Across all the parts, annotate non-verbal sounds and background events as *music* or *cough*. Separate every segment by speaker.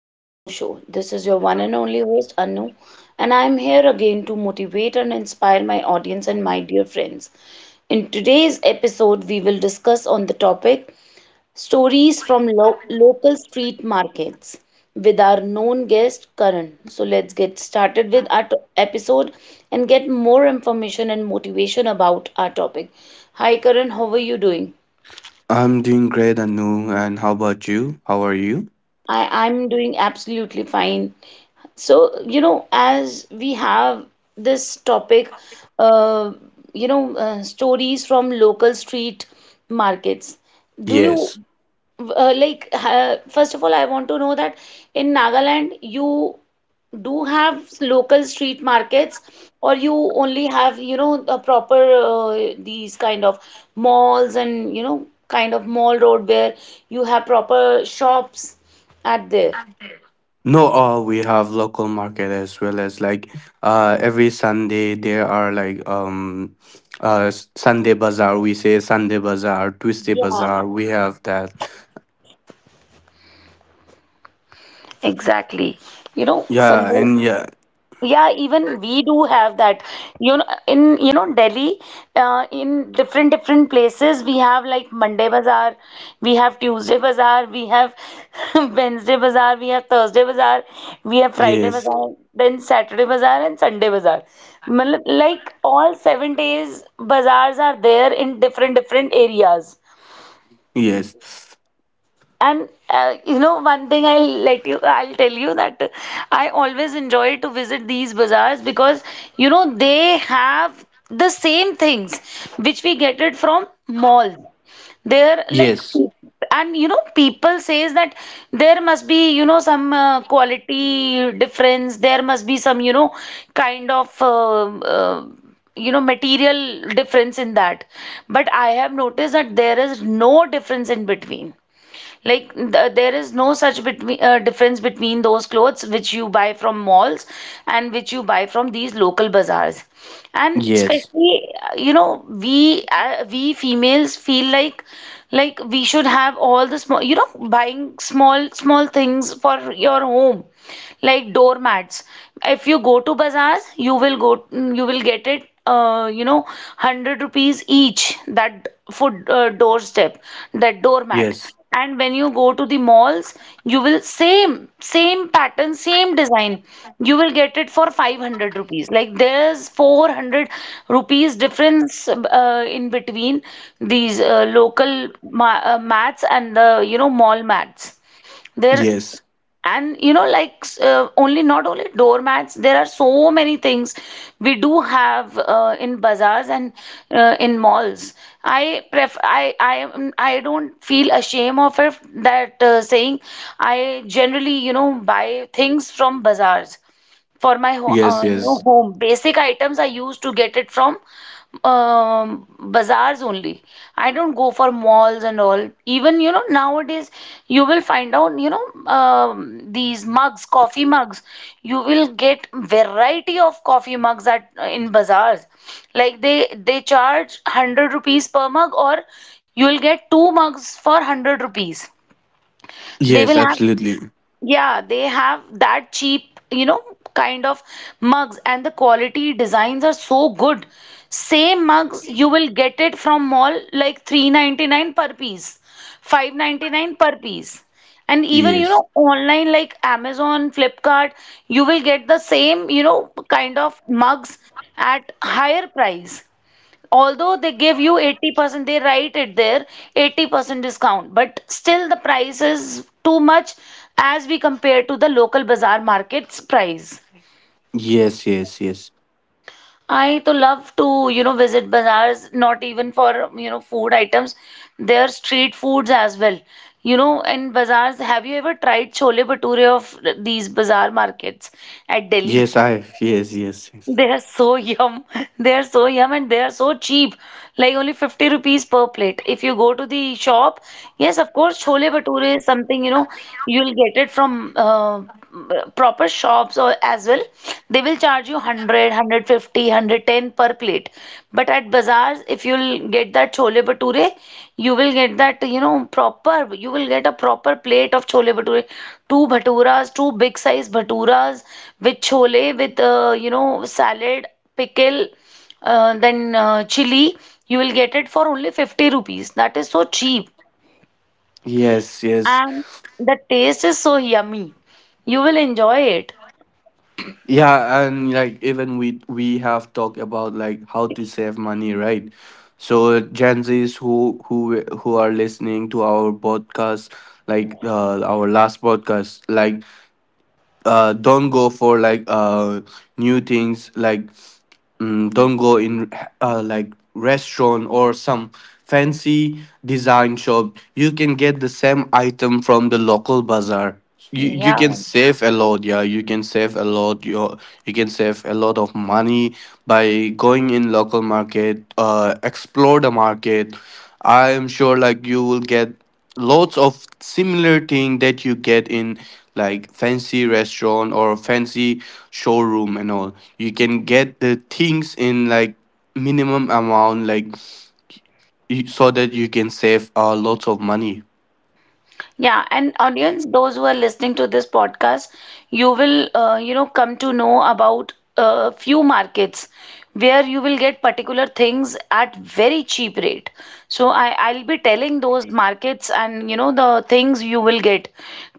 Speaker 1: The Anu Show. This is your one and only host, Anu, and I am here again to motivate and inspire my audience and my dear friends. In today's episode, we will discuss on the topic stories from local street markets with our known guest, Karan. So let's get started with our episode and get more information and motivation about our topic. Hi, Karan, how are you doing?
Speaker 2: I'm doing great, Anu. And how about you? How are you?
Speaker 1: I'm doing absolutely fine. So, you know, as we have this topic, uh, you know, stories from local street markets, do you
Speaker 2: Yes.
Speaker 1: first of all, I want to know that in Nagaland, you do have local street markets, or you only have, you know, a proper these kind of malls and, you know, kind of mall road where you have proper shops at there.
Speaker 2: No, we have local market as well as like every Sunday there are like Sunday bazaar. We say Sunday bazaar, Tuesday
Speaker 1: Yeah,
Speaker 2: bazaar. We have that.
Speaker 1: exactly. You know,
Speaker 2: Yeah,
Speaker 1: Sunday,
Speaker 2: and yeah,
Speaker 1: yeah, even we do have that. You know, in you know Delhi, in different different places, we have like Monday Bazaar, we have Tuesday Bazaar, we have *laughs* Wednesday Bazaar, we have Thursday Bazaar, we have Friday
Speaker 2: yes,
Speaker 1: Bazaar, then Saturday Bazaar and Sunday Bazaar. मतलब, like all 7 days, bazaars are there in different different areas.
Speaker 2: yes,
Speaker 1: And you know, one thing I'll tell you that I always enjoy to visit these bazaars because you know they have the same things which we get it from malls. They're like,
Speaker 2: yes,
Speaker 1: and you know, people says that there must be you know some quality difference. There must be some you know kind of uh, you know material difference in that. But I have noticed that there is no difference in between. Like th there is no such between difference between those clothes which you buy from malls and which you buy from these local bazaars. And
Speaker 2: yes,
Speaker 1: especially, you know, we females feel like we should have all the small, you know, buying small small things for your home like doormats. If you go to bazaars, you will get it you know 100 rupees each that food doorstep that doormat,
Speaker 2: yes,
Speaker 1: and when you go to the malls, you will same same pattern same design you will get it for 500 rupees. Like there's 400 rupees difference in between these local ma mats and the you know mall mats there.
Speaker 2: yes,
Speaker 1: And you know like only not only doormats, there are so many things we do have in bazaars and in malls. I pref i i am I don't feel ashamed of it that saying I generally you know buy things from bazaars for my ho
Speaker 2: yes,
Speaker 1: you know
Speaker 2: yes,
Speaker 1: home basic items I used to get it from bazaars only. I don't go for malls and all. Even you know nowadays you will find out you know these mugs, coffee mugs. You will get variety of coffee mugs at in bazaars. Like they charge 100 rupees per mug or you will get two mugs for 100 rupees. They will
Speaker 2: yes,
Speaker 1: have,
Speaker 2: absolutely,
Speaker 1: yeah, they have that cheap, you know, kind of mugs, and the quality designs are so good. Same mugs you will get it from mall like 399 per piece, 599 per piece. And even, you
Speaker 2: yes,
Speaker 1: know, online like Amazon, Flipkart, you will get the same, you know, kind of mugs at higher price, although they give you 80%, they write it there 80% discount, but still the price is too much as we compare to the local bazaar market's price.
Speaker 2: yes, yes, yes,
Speaker 1: I to love to you know visit bazaars, not even for you know food items, their street foods as well, you know, in bazaars. Have you ever tried chole bhature of these bazaar markets at Delhi?
Speaker 2: yes. I have, yes, yes,
Speaker 1: They
Speaker 2: yes.
Speaker 1: are so yum. *laughs* They are so yum and they are so cheap. Like only 50 rupees per plate. If you go to the shop, yes, of course, chole bhature is something, you know, you'll get it from proper shops or as well. They will charge you 100, per plate. But at bazaar, as if you'll get that chole bhature, you will get that, you know, you will get a proper plate of chole bhature. Two bhaturas, two big size bhaturas with chole, with, you know, salad, pickle, then chili. You will get it for only 50 rupees. That is so cheap.
Speaker 2: Yes, yes.
Speaker 1: And the taste is so yummy. You will enjoy it.
Speaker 2: Yeah, and like even we have talked about like how to save money, right? So Gen Zs who are listening to our podcast, like our last podcast, like don't go for like new things, like don't go in like restaurant or some fancy design shop. You can get the same item from the local bazaar. You you,
Speaker 1: Yeah.
Speaker 2: can save a lot, yeah, you can save a lot, you can save a lot of money by going in local market, explore the market. I am sure like you will get lots of similar thing that you get in like fancy restaurant or fancy showroom and all. You can get the things in like minimum amount, like so that you can save lots of money.
Speaker 1: Yeah, and audience, those who are listening to this podcast, you will, you know, come to know about a few markets where you will get particular things at very cheap rate. So I'll be telling those markets and you know the things you will get.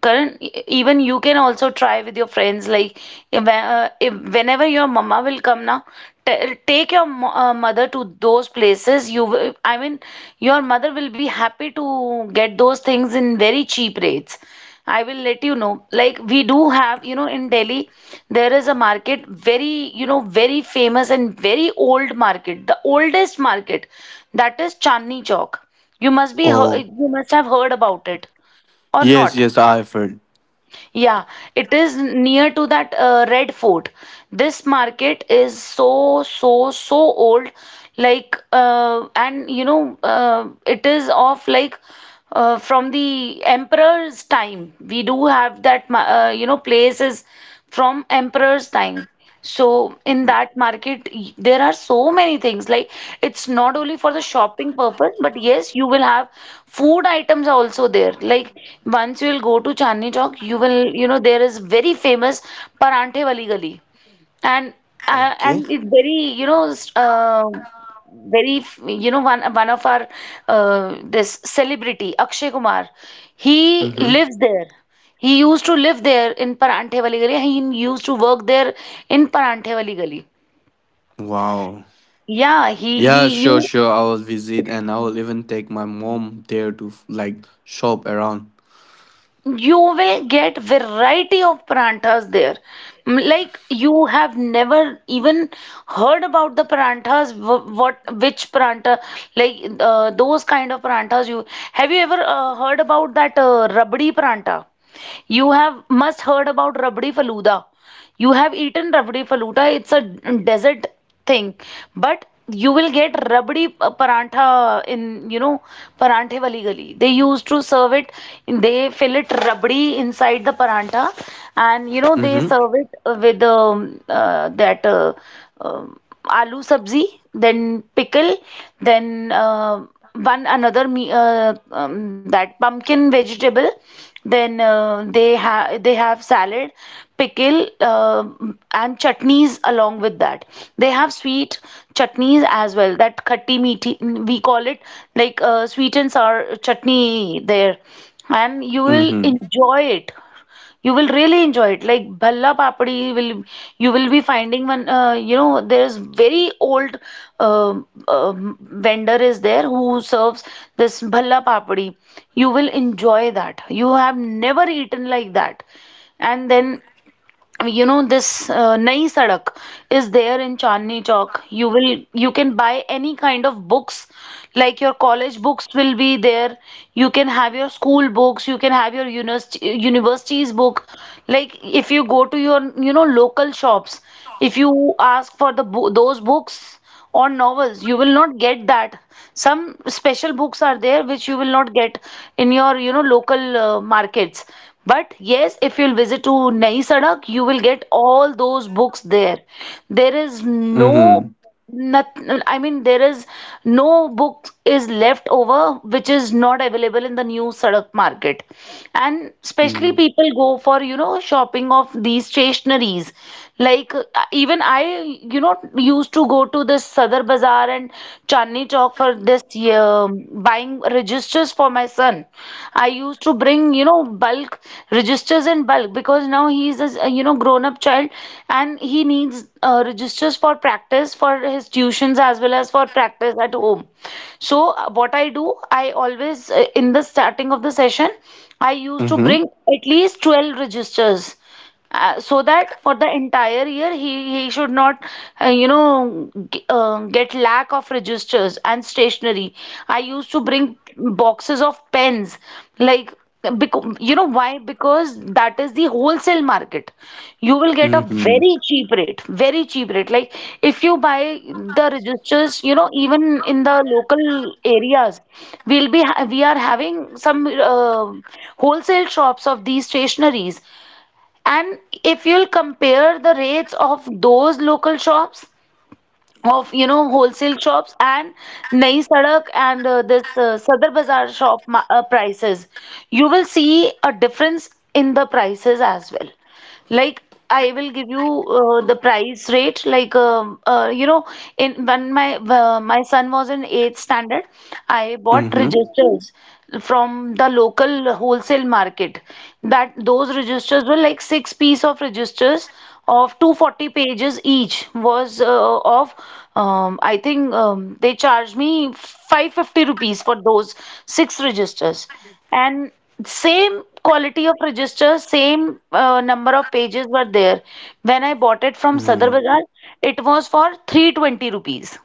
Speaker 1: Current, even you can also try with your friends. Like if whenever your mama will come now, T take your mother to those places. I mean, your mother will be happy to get those things in very cheap rates. I will let you know.
Speaker 2: Yeah.
Speaker 1: Like we do have, you know, in Delhi, there is a market, very, you know, very famous and very old market, the oldest market, that is Chandni Chowk.
Speaker 2: Oh.
Speaker 1: You must have heard about it or
Speaker 2: Yes,
Speaker 1: not.
Speaker 2: yes, I've heard.
Speaker 1: Yeah, it is near to that Red Fort. This market is so, so, so old. Like, and you know, it is of like from the emperor's time. We do have that, you know, place is from emperor's time. So in that market, there are so many things. Like it's not only for the shopping purpose, but yes, you will have food items are also there. Like once you will go to Chandni Chowk, you will, you know, there is very famous Paranthe Wali Gali. And
Speaker 2: Okay.
Speaker 1: it's very you know very you know one of our this celebrity Akshay Kumar, he
Speaker 2: Mm-hmm.
Speaker 1: lives there, he used to live there in Paranthe Wali Gali, he used to work there in Paranthe Wali Gali.
Speaker 2: Wow.
Speaker 1: Yeah,
Speaker 2: Yeah,
Speaker 1: he
Speaker 2: sure,
Speaker 1: you
Speaker 2: sure, I will visit, and I will even take my mom there to like shop around.
Speaker 1: you will get variety of paranthas there. Like you have never even heard about the paranthas what which parantha, like those kind of paranthas you have, you ever heard about that rabdi parantha? You have must heard about rabdi faluda. You have eaten rabdi faluda, it's a desert thing, but you will get rabdi parantha in you know paranthe wali gali. They used to serve it, they fill it rabdi inside the parantha, and you know they
Speaker 2: Mm-hmm.
Speaker 1: serve it with that um aloo sabzi, then pickle, then one another me that pumpkin vegetable, then they have salad, pickle, and chutneys along with that. They have sweet chutneys as well. That khatti meathi we call it, like sweet and sour chutney there, and you will
Speaker 2: Mm-hmm.
Speaker 1: enjoy it. You will really enjoy it. Like bhalla papdi, will you will be finding one, you know, there is very old uh, um vendor is there who serves this bhalla papdi. You will enjoy that. You have never eaten like that. And then you know this Nayi Sadak is there in Chandni Chowk. You will you can buy any kind of books, like your college books will be there. You can have your school books. You can have your university universities book. Like if you go to your you know local shops, if you ask for the bo those books or novels, you will not get that. Some special books are there which you will not get in your you know local markets, but yes if you'll visit to Nayi Sadak, you will get all those books there. There is no
Speaker 2: Mm-hmm.
Speaker 1: not, I mean, there is no book is left over which is not available in the new Sadak market. And especially
Speaker 2: Mm-hmm.
Speaker 1: people go for you know shopping of these stationaries, like even I, you know, used to go to this Sadar Bazaar and Chandni Chowk for this buying registers for my son. I used to bring, you know, bulk registers in bulk because now he's a, you know, grown-up child and he needs registers for practice for his tuitions as well as for practice at home. So what I do, I always in the starting of the session, I used to bring at least 12 registers, so that for the entire year he should not get lack of registers and stationery. I used to bring boxes of pens, like, because you know why? Because that is the wholesale market. You will get a
Speaker 2: Mm-hmm.
Speaker 1: very cheap rate, very cheap rate, like if you buy the registers, you know, even in the local areas, we are having some wholesale shops of these stationeries. And if you'll compare the rates of those local shops, of, you know, wholesale shops, and Nayi Sadak and this Sadar Bazaar prices, you will see a difference in the prices as well. Like, I will give you the price rate. Like, you know, in when my my son was in eighth standard, I bought
Speaker 2: Mm-hmm.
Speaker 1: registers from the local wholesale market. That those registers were like six piece of registers of 240 pages each, was of I think, they charged me 550 rupees for those six registers. And same quality of registers, same number of pages were there when I bought it from Sadar
Speaker 2: Mm.
Speaker 1: Bazaar, it was for 320 rupees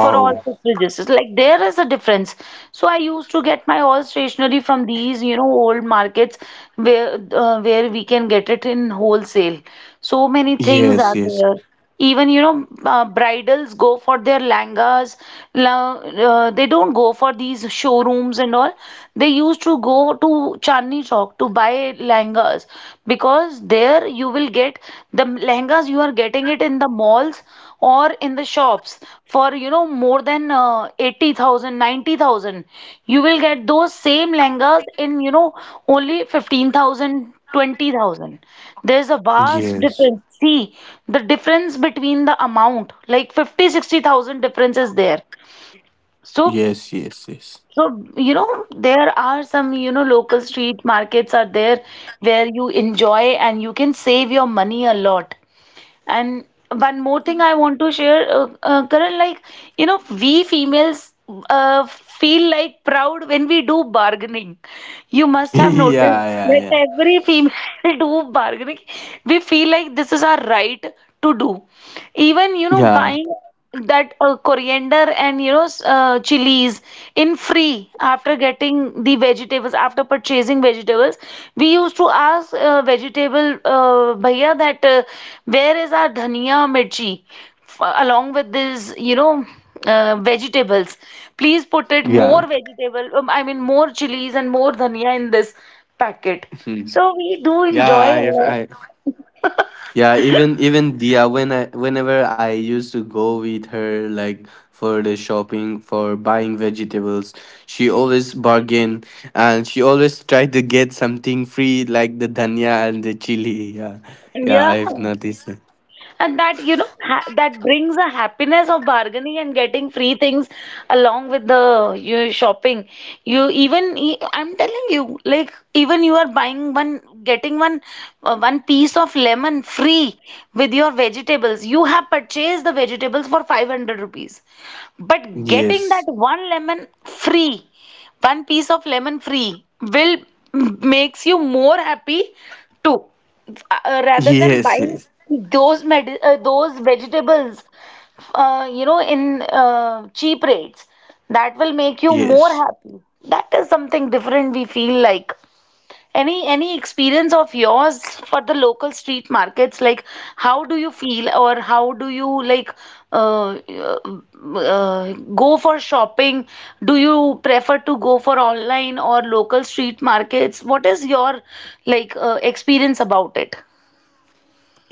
Speaker 1: for all six registers. Like, there is a difference. So I used to get my all stationery from these, you know, old markets where we can get it in wholesale. So many things are
Speaker 2: Yes, yes,
Speaker 1: there. Even, you know, bridals go for their langas. La- they don't go for these showrooms and all. They used to go to Chandni Chowk to buy langas, because there you will get the langas you are getting it in the malls or in the shops for, you know, more than 80,000. You will get those same lehengas in, you know, only 15,000, 20,000. There's a vast
Speaker 2: yes,
Speaker 1: difference, see. The difference between the amount, like 50, 60,000 difference is there. so
Speaker 2: yes, yes, yes.
Speaker 1: so you know there are some, you know, local street markets are there where you enjoy and you can save your money a lot. And one more thing I want to share, Karan, like, you know, we females feel like proud when we do bargaining. You must
Speaker 2: *laughs*
Speaker 1: have noticed
Speaker 2: Yeah,
Speaker 1: that
Speaker 2: yeah, yeah.
Speaker 1: every female *laughs* do bargaining. We feel like this is our right to do. Even, you know,
Speaker 2: Yeah,
Speaker 1: buying that coriander and, you know, chilies in free after getting the vegetables, after purchasing vegetables, we used to ask vegetable bhaiya that where is our dhania mirchi along with this, you know, vegetables. Please put it more
Speaker 2: yeah.
Speaker 1: vegetable, I mean, more chilies and more dhania in this packet.
Speaker 2: Mhm.
Speaker 1: So we do
Speaker 2: Yeah,
Speaker 1: enjoy a lot.
Speaker 2: yeah, even Dia, whenever I used to go with her, like, for the shopping, for buying vegetables, she always bargain, and she always tried to get something free, like the dhania and the chili. Yeah, yeah,
Speaker 1: Yeah.
Speaker 2: I've noticed that.
Speaker 1: And that, you know, ha that brings a happiness of bargaining and getting free things along with the you shopping. I'm telling you, like, even you are buying one, getting one, one piece of lemon free with your vegetables. You have purchased the vegetables for 500 rupees, but getting that
Speaker 2: Yes. *laughs*
Speaker 1: one lemon free, one piece of lemon free will makes you more happy too, rather than
Speaker 2: Yes,
Speaker 1: buying
Speaker 2: yes.
Speaker 1: those vegetables you know, in cheap rates. That will make you more
Speaker 2: Yes.
Speaker 1: happy. That is something different we feel like. Any experience of yours for the local street markets? Like, how do you feel, or how do you like uh, go for shopping? Do you prefer to go for online or local street markets? What is your like experience about it?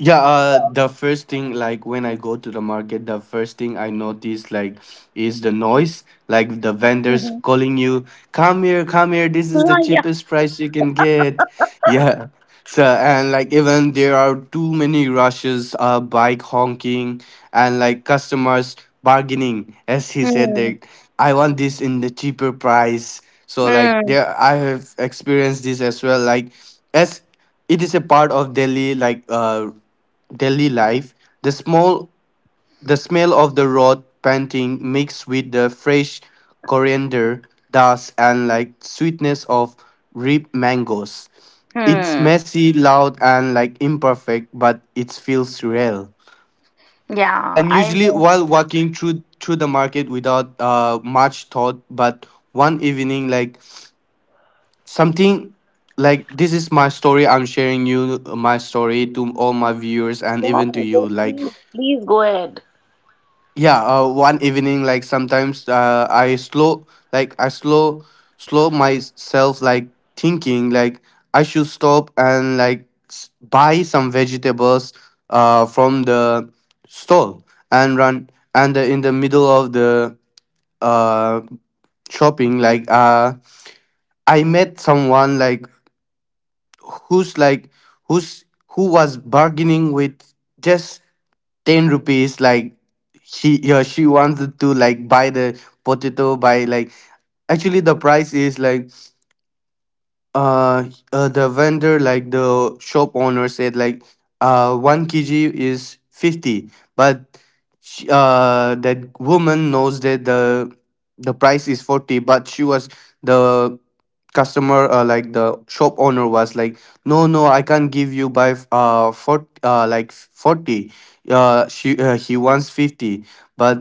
Speaker 2: Yeah, the first thing like when I go to the market, the first thing I notice like is the noise, like the vendors
Speaker 1: Mm-hmm.
Speaker 2: calling you, come here, this is the
Speaker 1: Oh, yeah.
Speaker 2: cheapest price you can get." *laughs* Yeah. So and like even there are too many rushes, bike honking, and like customers bargaining, as he said
Speaker 1: Hmm.
Speaker 2: that I want this in the cheaper price. So like
Speaker 1: Hmm.
Speaker 2: there, I have experienced this as well. Like, as it is a part of Delhi, like daily life. The small the smell of the rot panting mixed with the fresh coriander dust and like sweetness of ripe mangoes. It's
Speaker 1: Hmm.
Speaker 2: messy, loud, and like imperfect, but it feels real. And
Speaker 1: Yeah, I
Speaker 2: usually,
Speaker 1: know.
Speaker 2: while walking through the market without much thought, but one evening, like something, like this is my story. I'm sharing you my story to all my viewers and
Speaker 1: Yeah,
Speaker 2: even to you.
Speaker 1: yes,
Speaker 2: Like,
Speaker 1: please, please go ahead.
Speaker 2: yeah, one evening, like sometimes I slow myself, like thinking like I should stop and like buy some vegetables from the stall and run, and in the middle of the uh, shopping, like I met someone like, who's like who's who was bargaining with just 10 rupees, like she he or she wants to like buy the potato, by like actually the price is like, uh, the shop owner said like 1 kg is 50, but that woman knows that the price is 40, but she was the customer like the shop owner was like, no, no, I can't give you by for, like, 40. She He wants 50. But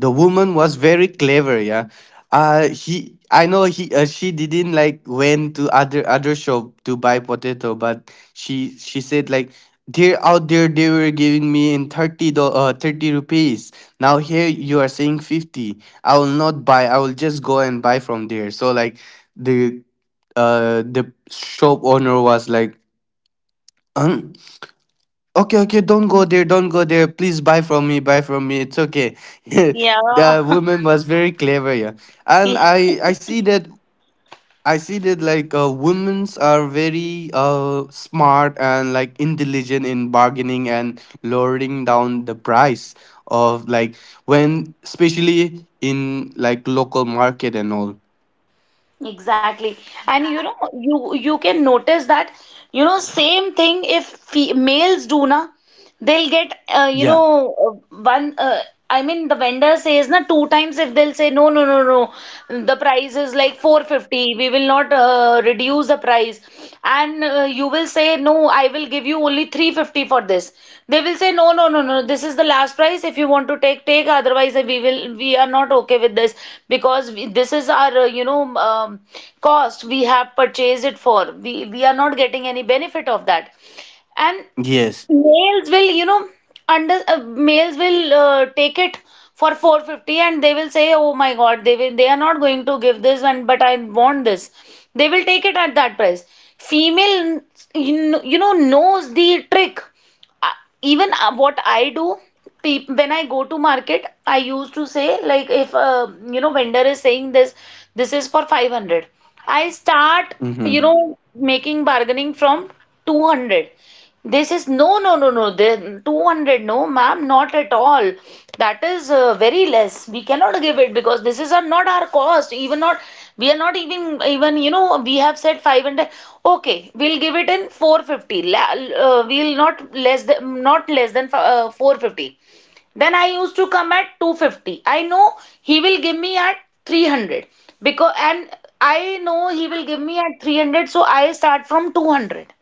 Speaker 2: the woman was very clever, yeah. He I know he She didn't like went to other shop to buy potato, but she said like, they're out there, they were giving me in 30, 30 rupees, now here you are saying 50. I will not buy, I will just go and buy from there. So like the the shop owner was like, "Huh? Okay, okay, don't go there, don't go there. Please buy from me, buy from me. It's okay." *laughs* The
Speaker 1: Yeah.
Speaker 2: woman was very clever, yeah. And
Speaker 1: *laughs*
Speaker 2: I see that, like, women's are very smart and like intelligent in bargaining and lowering down the price of like, when especially in like local market and all.
Speaker 1: Exactly. And you know, you can notice that, you know, same thing if fe males do na, they'll get, you
Speaker 2: Yeah.
Speaker 1: know, one. I mean, the vendor says na two times, if they'll say no, no, no, no, the price is like 450, we will not reduce the price, and you will say no, I will give you only 350 for this. They will say no, no, no, no, this is the last price. If you want to take, take. Otherwise, we will. We are not okay with this, because this is our, you know, cost we have purchased it for. We are not getting any benefit of that. And
Speaker 2: Yes.
Speaker 1: males will, you know, under males will take it for 450 and they will say, "Oh my God, they will, they are not going to give this one, but I want this." They will take it at that price. Female, you know, knows the trick. Uh, Even what I do, peop when I go to market, I used to say like, if you know, vendor is saying this, this is for 500. I start, you
Speaker 2: Mm-hmm.
Speaker 1: know, making bargaining from 200. This is no, no, no, no. The 200, no, ma'am, not at all. That is very less. We cannot give it, because this is our, not our cost. Even not, we are not even, even, you know, we have said 500. Okay, we'll give it in 450. We'll not less than, not less than 450. Then I used to come at 250. I know he will give me at 300, because, and I know he will give me at 300. So I start from 200.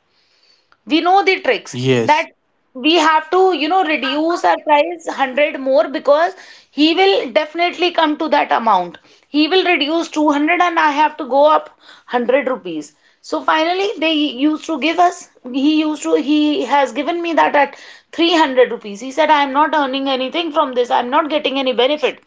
Speaker 1: We know the tricks that
Speaker 2: Yes.
Speaker 1: we have to, you know, reduce our price 100 more, because he will definitely come to that amount. He will reduce 200 and I have to go up 100 rupees. So finally they used to give us, he used to he has given me that at 300 rupees. He said, "I am not earning anything from this. I am not getting any benefit."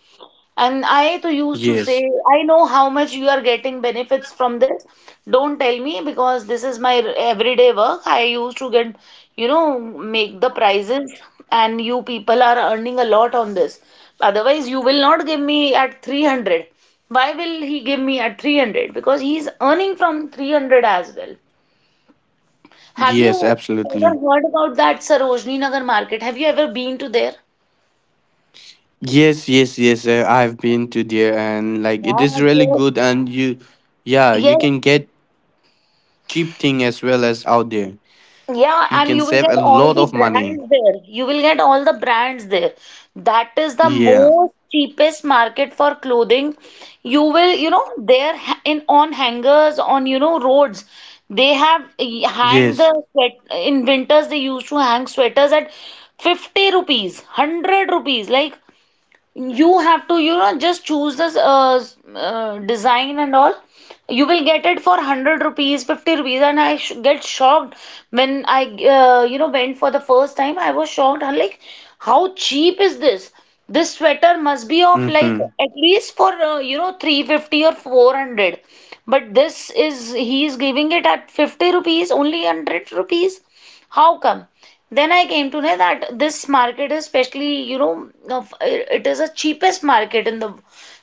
Speaker 1: And I to used to say,
Speaker 2: Yes.
Speaker 1: I know how much you are getting benefits from this. Don't tell me, because this is my everyday work. I used to get, you know, make the prices, and you people are earning a lot on this. Otherwise, you will not give me at 300. Why will he give me at 300? Because he's earning from 300 as well. Have
Speaker 2: Yes,
Speaker 1: you ever
Speaker 2: absolutely.
Speaker 1: heard about that Sarojini Nagar market? Have you ever been to there?
Speaker 2: Yes, yes, yes. I've been to there, and like it
Speaker 1: Yeah,
Speaker 2: is really
Speaker 1: yes,
Speaker 2: good, and you yeah, you
Speaker 1: yes.
Speaker 2: can get cheap thing as well as out there.
Speaker 1: Yeah,
Speaker 2: You
Speaker 1: and
Speaker 2: can
Speaker 1: you will
Speaker 2: save
Speaker 1: get
Speaker 2: a
Speaker 1: all
Speaker 2: lot
Speaker 1: the
Speaker 2: of money.
Speaker 1: brands there. You will get all the brands there. That is the
Speaker 2: Yeah.
Speaker 1: most cheapest market for clothing. You will, you know, in on hangers, on, you know, roads, they have hang
Speaker 2: Yes.
Speaker 1: the sweat in winters, they used to hang sweaters at 50 rupees, 100 rupees. Like, you have to, you know, just choose this design and all, you will get it for 100 rupees, 50 rupees. And I sh get shocked when I you know, went for the first time, I was shocked, I'm like, how cheap is this? This sweater must be of like
Speaker 2: Mhm.
Speaker 1: at least for you know, 350 or 400, but this is, he is giving it at 50 rupees only, 100 rupees. How come? Then I came to know that this market is especially, you know, it is a cheapest market in the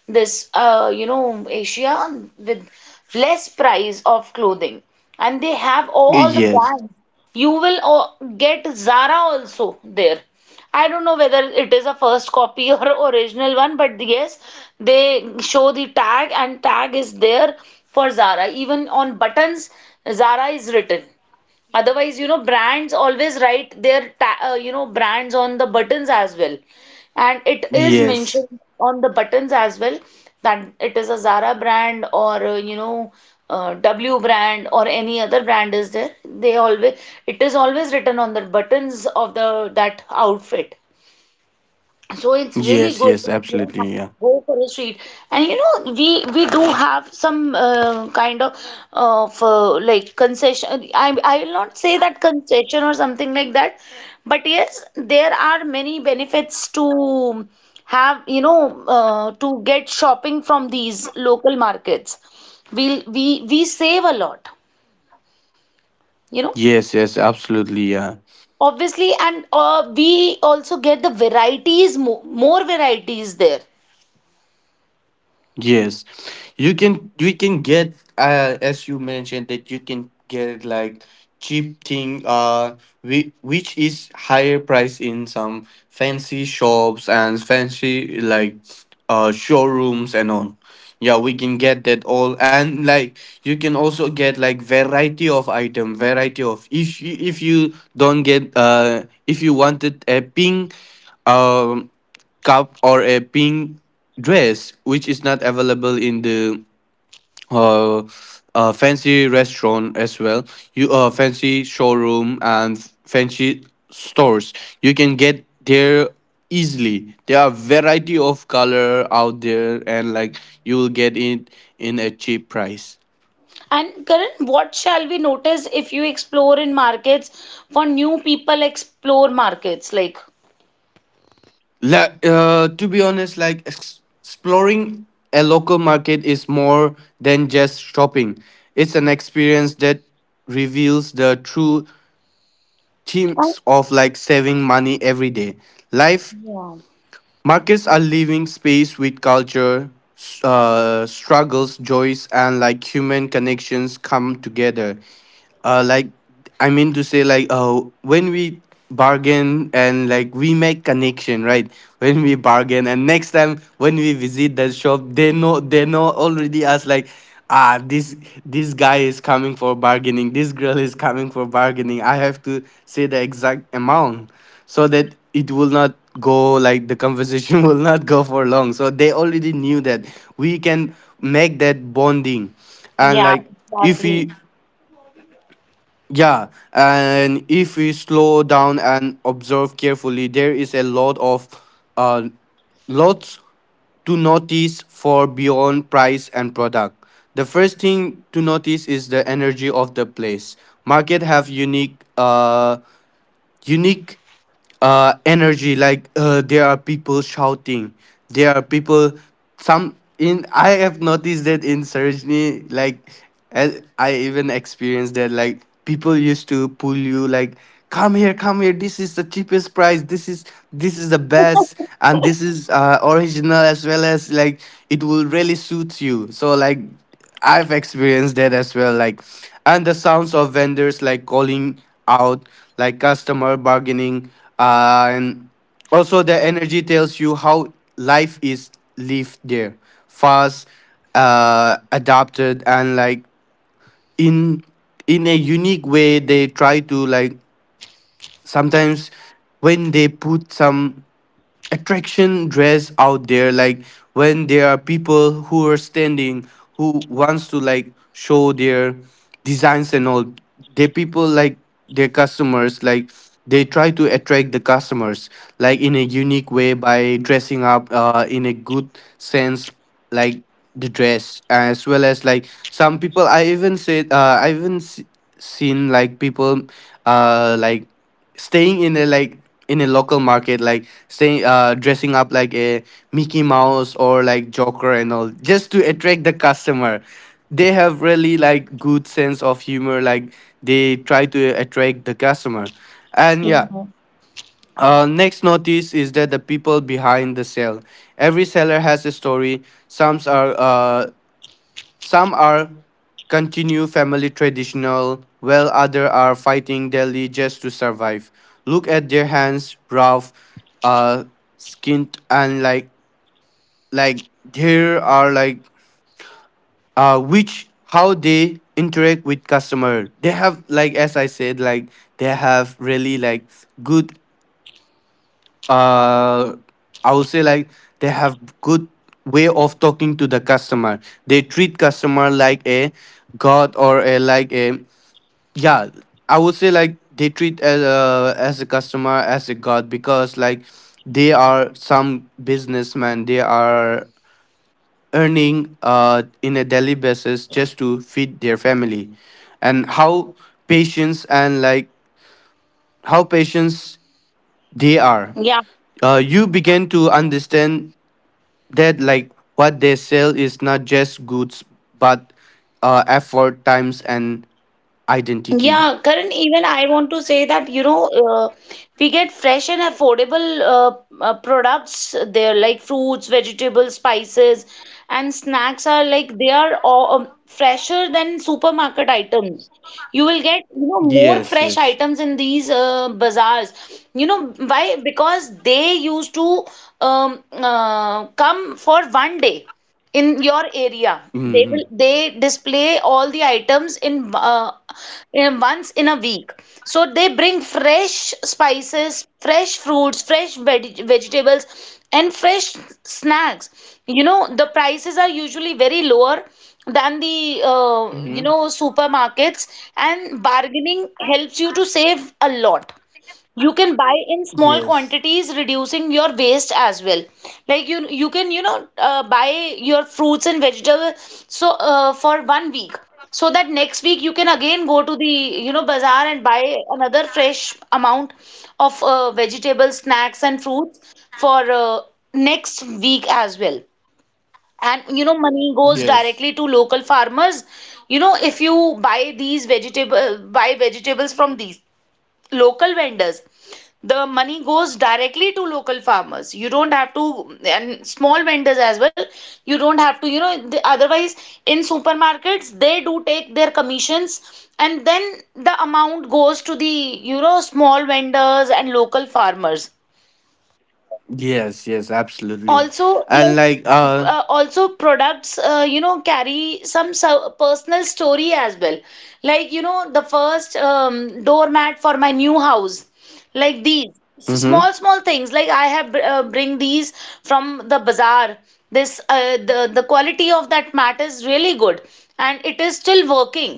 Speaker 1: this you know, Asia with less price of clothing, and they have all the
Speaker 2: Yes.
Speaker 1: brands. You will get Zara also there. I don't know whether it is a first copy or *laughs* original one, but yes, they show the tag, and tag is there for Zara. Even on buttons, Zara is written. Otherwise, you know, brands always write their, you know, brands on the buttons as well. And it is
Speaker 2: Yes.
Speaker 1: mentioned on the buttons as well that it is a Zara brand or, you know, W brand or any other brand is there. They always, it is always written on the buttons of the that outfit. So it's really
Speaker 2: Yes,
Speaker 1: good to,
Speaker 2: yes,
Speaker 1: you know,
Speaker 2: absolutely. Yeah.
Speaker 1: go for a street, and you know, we do have some kind of like concession. I will not say that concession or something like that, but yes, there are many benefits to have, you know, to get shopping from these local markets. We save a lot, you know.
Speaker 2: Yes, yes, absolutely. Yeah.
Speaker 1: Obviously, and we also get the varieties, mo more varieties there.
Speaker 2: Yes, you can get, as you mentioned, that you can get like cheap thing, which is higher price in some fancy shops and fancy, like, showrooms and all. Yeah, we can get that all, and like you can also get like variety of item, variety of, if you don't get, if you wanted a pink um cup or a pink dress, which is not available in the uh, fancy restaurant as well. You fancy showroom and fancy stores. You can get there easily. There are variety of color out there, and like you will get it in a cheap price.
Speaker 1: And Karan, what shall we notice if you explore in markets for new people explore markets like?
Speaker 2: Like, to be honest, like exploring a local market is more than just shopping. It's an experience that reveals the true
Speaker 1: Oh,
Speaker 2: themes of like saving money every day. Life.
Speaker 1: yeah,
Speaker 2: Markets are living space with culture, struggles, joys, and like human connections come together. Like, I mean to say, like when we bargain and like we make connection, right? When we bargain, and next time when we visit the shop, they know already us, like. Ah, this guy is coming for bargaining. This girl is coming for bargaining. I have to say the exact amount so that it will not go, like, the conversation *laughs* will not go for long, so they already knew that we can make that bonding. And
Speaker 1: yeah,
Speaker 2: like if
Speaker 1: exactly.
Speaker 2: we yeah, and if we slow down and observe carefully, there is a lot of uh lots to notice for beyond price and product. The first thing to notice is the energy of the place. Market have unique, energy, like, there are people shouting, there are people, some in, I have noticed that in surgery, like, as I even experienced that, like people used to pull you, like, come here, come here, this is the cheapest price, this is the best, and this is original as well as, like, it will really suit you, so like, I've experienced that as well. Like, and the sounds of vendors like calling out, like customer bargaining, and also the energy tells you how life is lived there, fast, adapted, and, like, in in a unique way. They try to, like, sometimes when they put some attraction dress out there, like when there are people who are standing, who wants to like show their designs and all, their people, like, their customers, like, they try to attract the customers, like, in a unique way, by dressing up, in a good sense, like the dress as well as, like, some people, I even seen like people, like staying in a local market, like staying dressing up like a Mickey Mouse or like joker and all, just to attract the customer. They have really like good sense of humor, like they try to attract the customer. And yeah,
Speaker 1: Mhm.
Speaker 2: next notice is that the people behind the sale. Every seller has a story. some are uh, some are continue family traditional, while others are fighting daily just to survive. Look at their hands, rough, uh skinned, and like there are like which, how they interact with customer. They have like, as I said, like they have really like good, uh I will say, like they have good way of talking to the customer. They treat customer like a god, or a, yeah, I would say, like they treat as a customer as a god, because like they are some businessmen, they are earning in a daily basis, just to feed their family. And how patience, and like how patience they are.
Speaker 1: Yeah.
Speaker 2: You begin to understand that, like, what they sell is not just goods, but effort, times, and identity.
Speaker 1: Yeah, Karan, even I want to say that, you know, we get fresh and affordable products there, like fruits, vegetables, spices, and snacks are like, they are all, fresher than supermarket items. You will get, you know, more
Speaker 2: Yes,
Speaker 1: fresh
Speaker 2: yes.
Speaker 1: items in these bazaars. You know, why? Because they used to, come for 1 day in your area. They will
Speaker 2: Mhm.
Speaker 1: they display all the items in once in a week. So they bring fresh spices, fresh fruits, fresh veg vegetables, and fresh snacks. You know, the prices are usually very lower than the you
Speaker 2: Mm-hmm.
Speaker 1: know, supermarkets, and bargaining helps you to save a lot. You can buy in small
Speaker 2: Yes.
Speaker 1: quantities, reducing your waste as well. Like, you can, you know, buy your fruits and vegetables so, for 1 week, so that next week you can again go to the, you know, bazaar and buy another fresh amount of vegetables, snacks and fruits for next week as well. And you know, money goes
Speaker 2: Yes.
Speaker 1: directly to local farmers. You know, if you buy these vegetable buy vegetables from these local vendors, the money goes directly to local farmers. You don't have to, and small vendors as well. You don't have to, you know, the, otherwise in supermarkets they do take their commissions, and then the amount goes to the, you know, small vendors and local farmers
Speaker 2: Yes. Yes. Absolutely.
Speaker 1: also.
Speaker 2: And
Speaker 1: Like,
Speaker 2: like,
Speaker 1: also products, you know, carry some personal story as well. Like, you know, the first, doormat for my new house, like these small
Speaker 2: Mm-hmm.
Speaker 1: small things like I have bring these from the bazaar. This, the the quality of that mat is really good, and it is still working.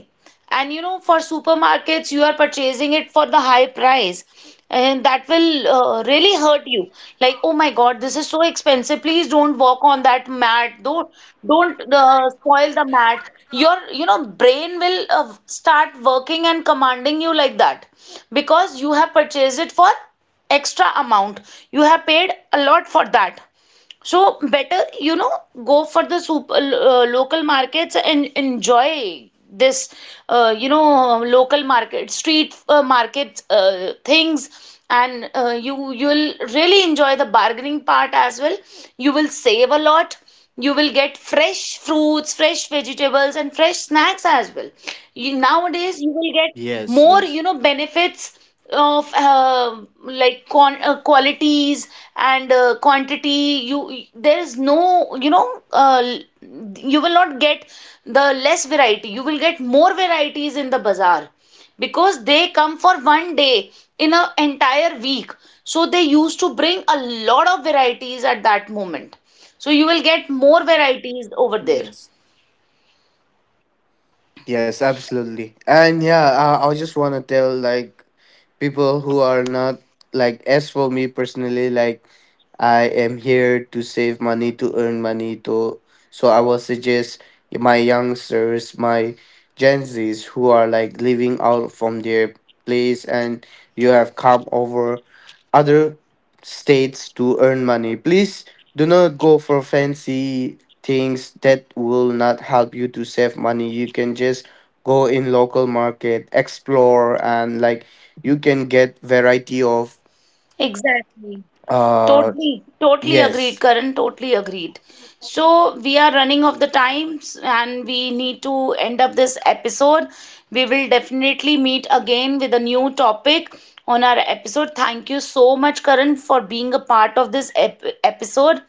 Speaker 1: And you know, for supermarkets, you are purchasing it for the high price, and that will really hurt you, like, oh my God, this is so expensive, please don't walk on that mat, don't spoil the mat. Your, you know, brain will start working and commanding you like that, because you have purchased it for extra amount. You have paid a lot for that. So better, you know, go for the local markets and enjoy this, you know, local market, street market things, and you you'll really enjoy the bargaining part as well. You will save a lot. You will get fresh fruits, fresh vegetables, and fresh snacks as well. You, nowadays, you will get
Speaker 2: Yes.
Speaker 1: more, you
Speaker 2: Yes.
Speaker 1: know, benefits of like con qualities and quantity. You There is no, you know, uh, l- you will not get the less variety, you will get more varieties in the bazaar, because they come for 1 day in an entire week, so they used to bring a lot of varieties at that moment, so you will get more varieties over there.
Speaker 2: Yes. Yes, absolutely. And yeah, I just want to tell, like, people who are not, like, as for me personally, like, I am here to save money, to earn money, to, so I will suggest my youngsters, my Gen Zs who are like living out from their place, and you have come over other states to earn money. Please do not go for fancy things that will not help you to save money. You can just go in local market, explore, and like you can get variety of
Speaker 1: Exactly.
Speaker 2: uh
Speaker 1: Totally, totally agreed,
Speaker 2: yes.
Speaker 1: Karan. Totally agreed. So we are running of the times, and we need to end up this episode. We will definitely meet again with a new topic on our episode. Thank you so much, Karan, for being a part of this ep episode.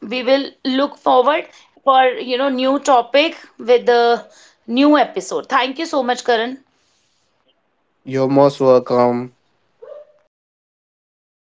Speaker 1: We will look forward for, you know, new topic with the new episode. Thank you so much, Karan.
Speaker 2: You're most welcome.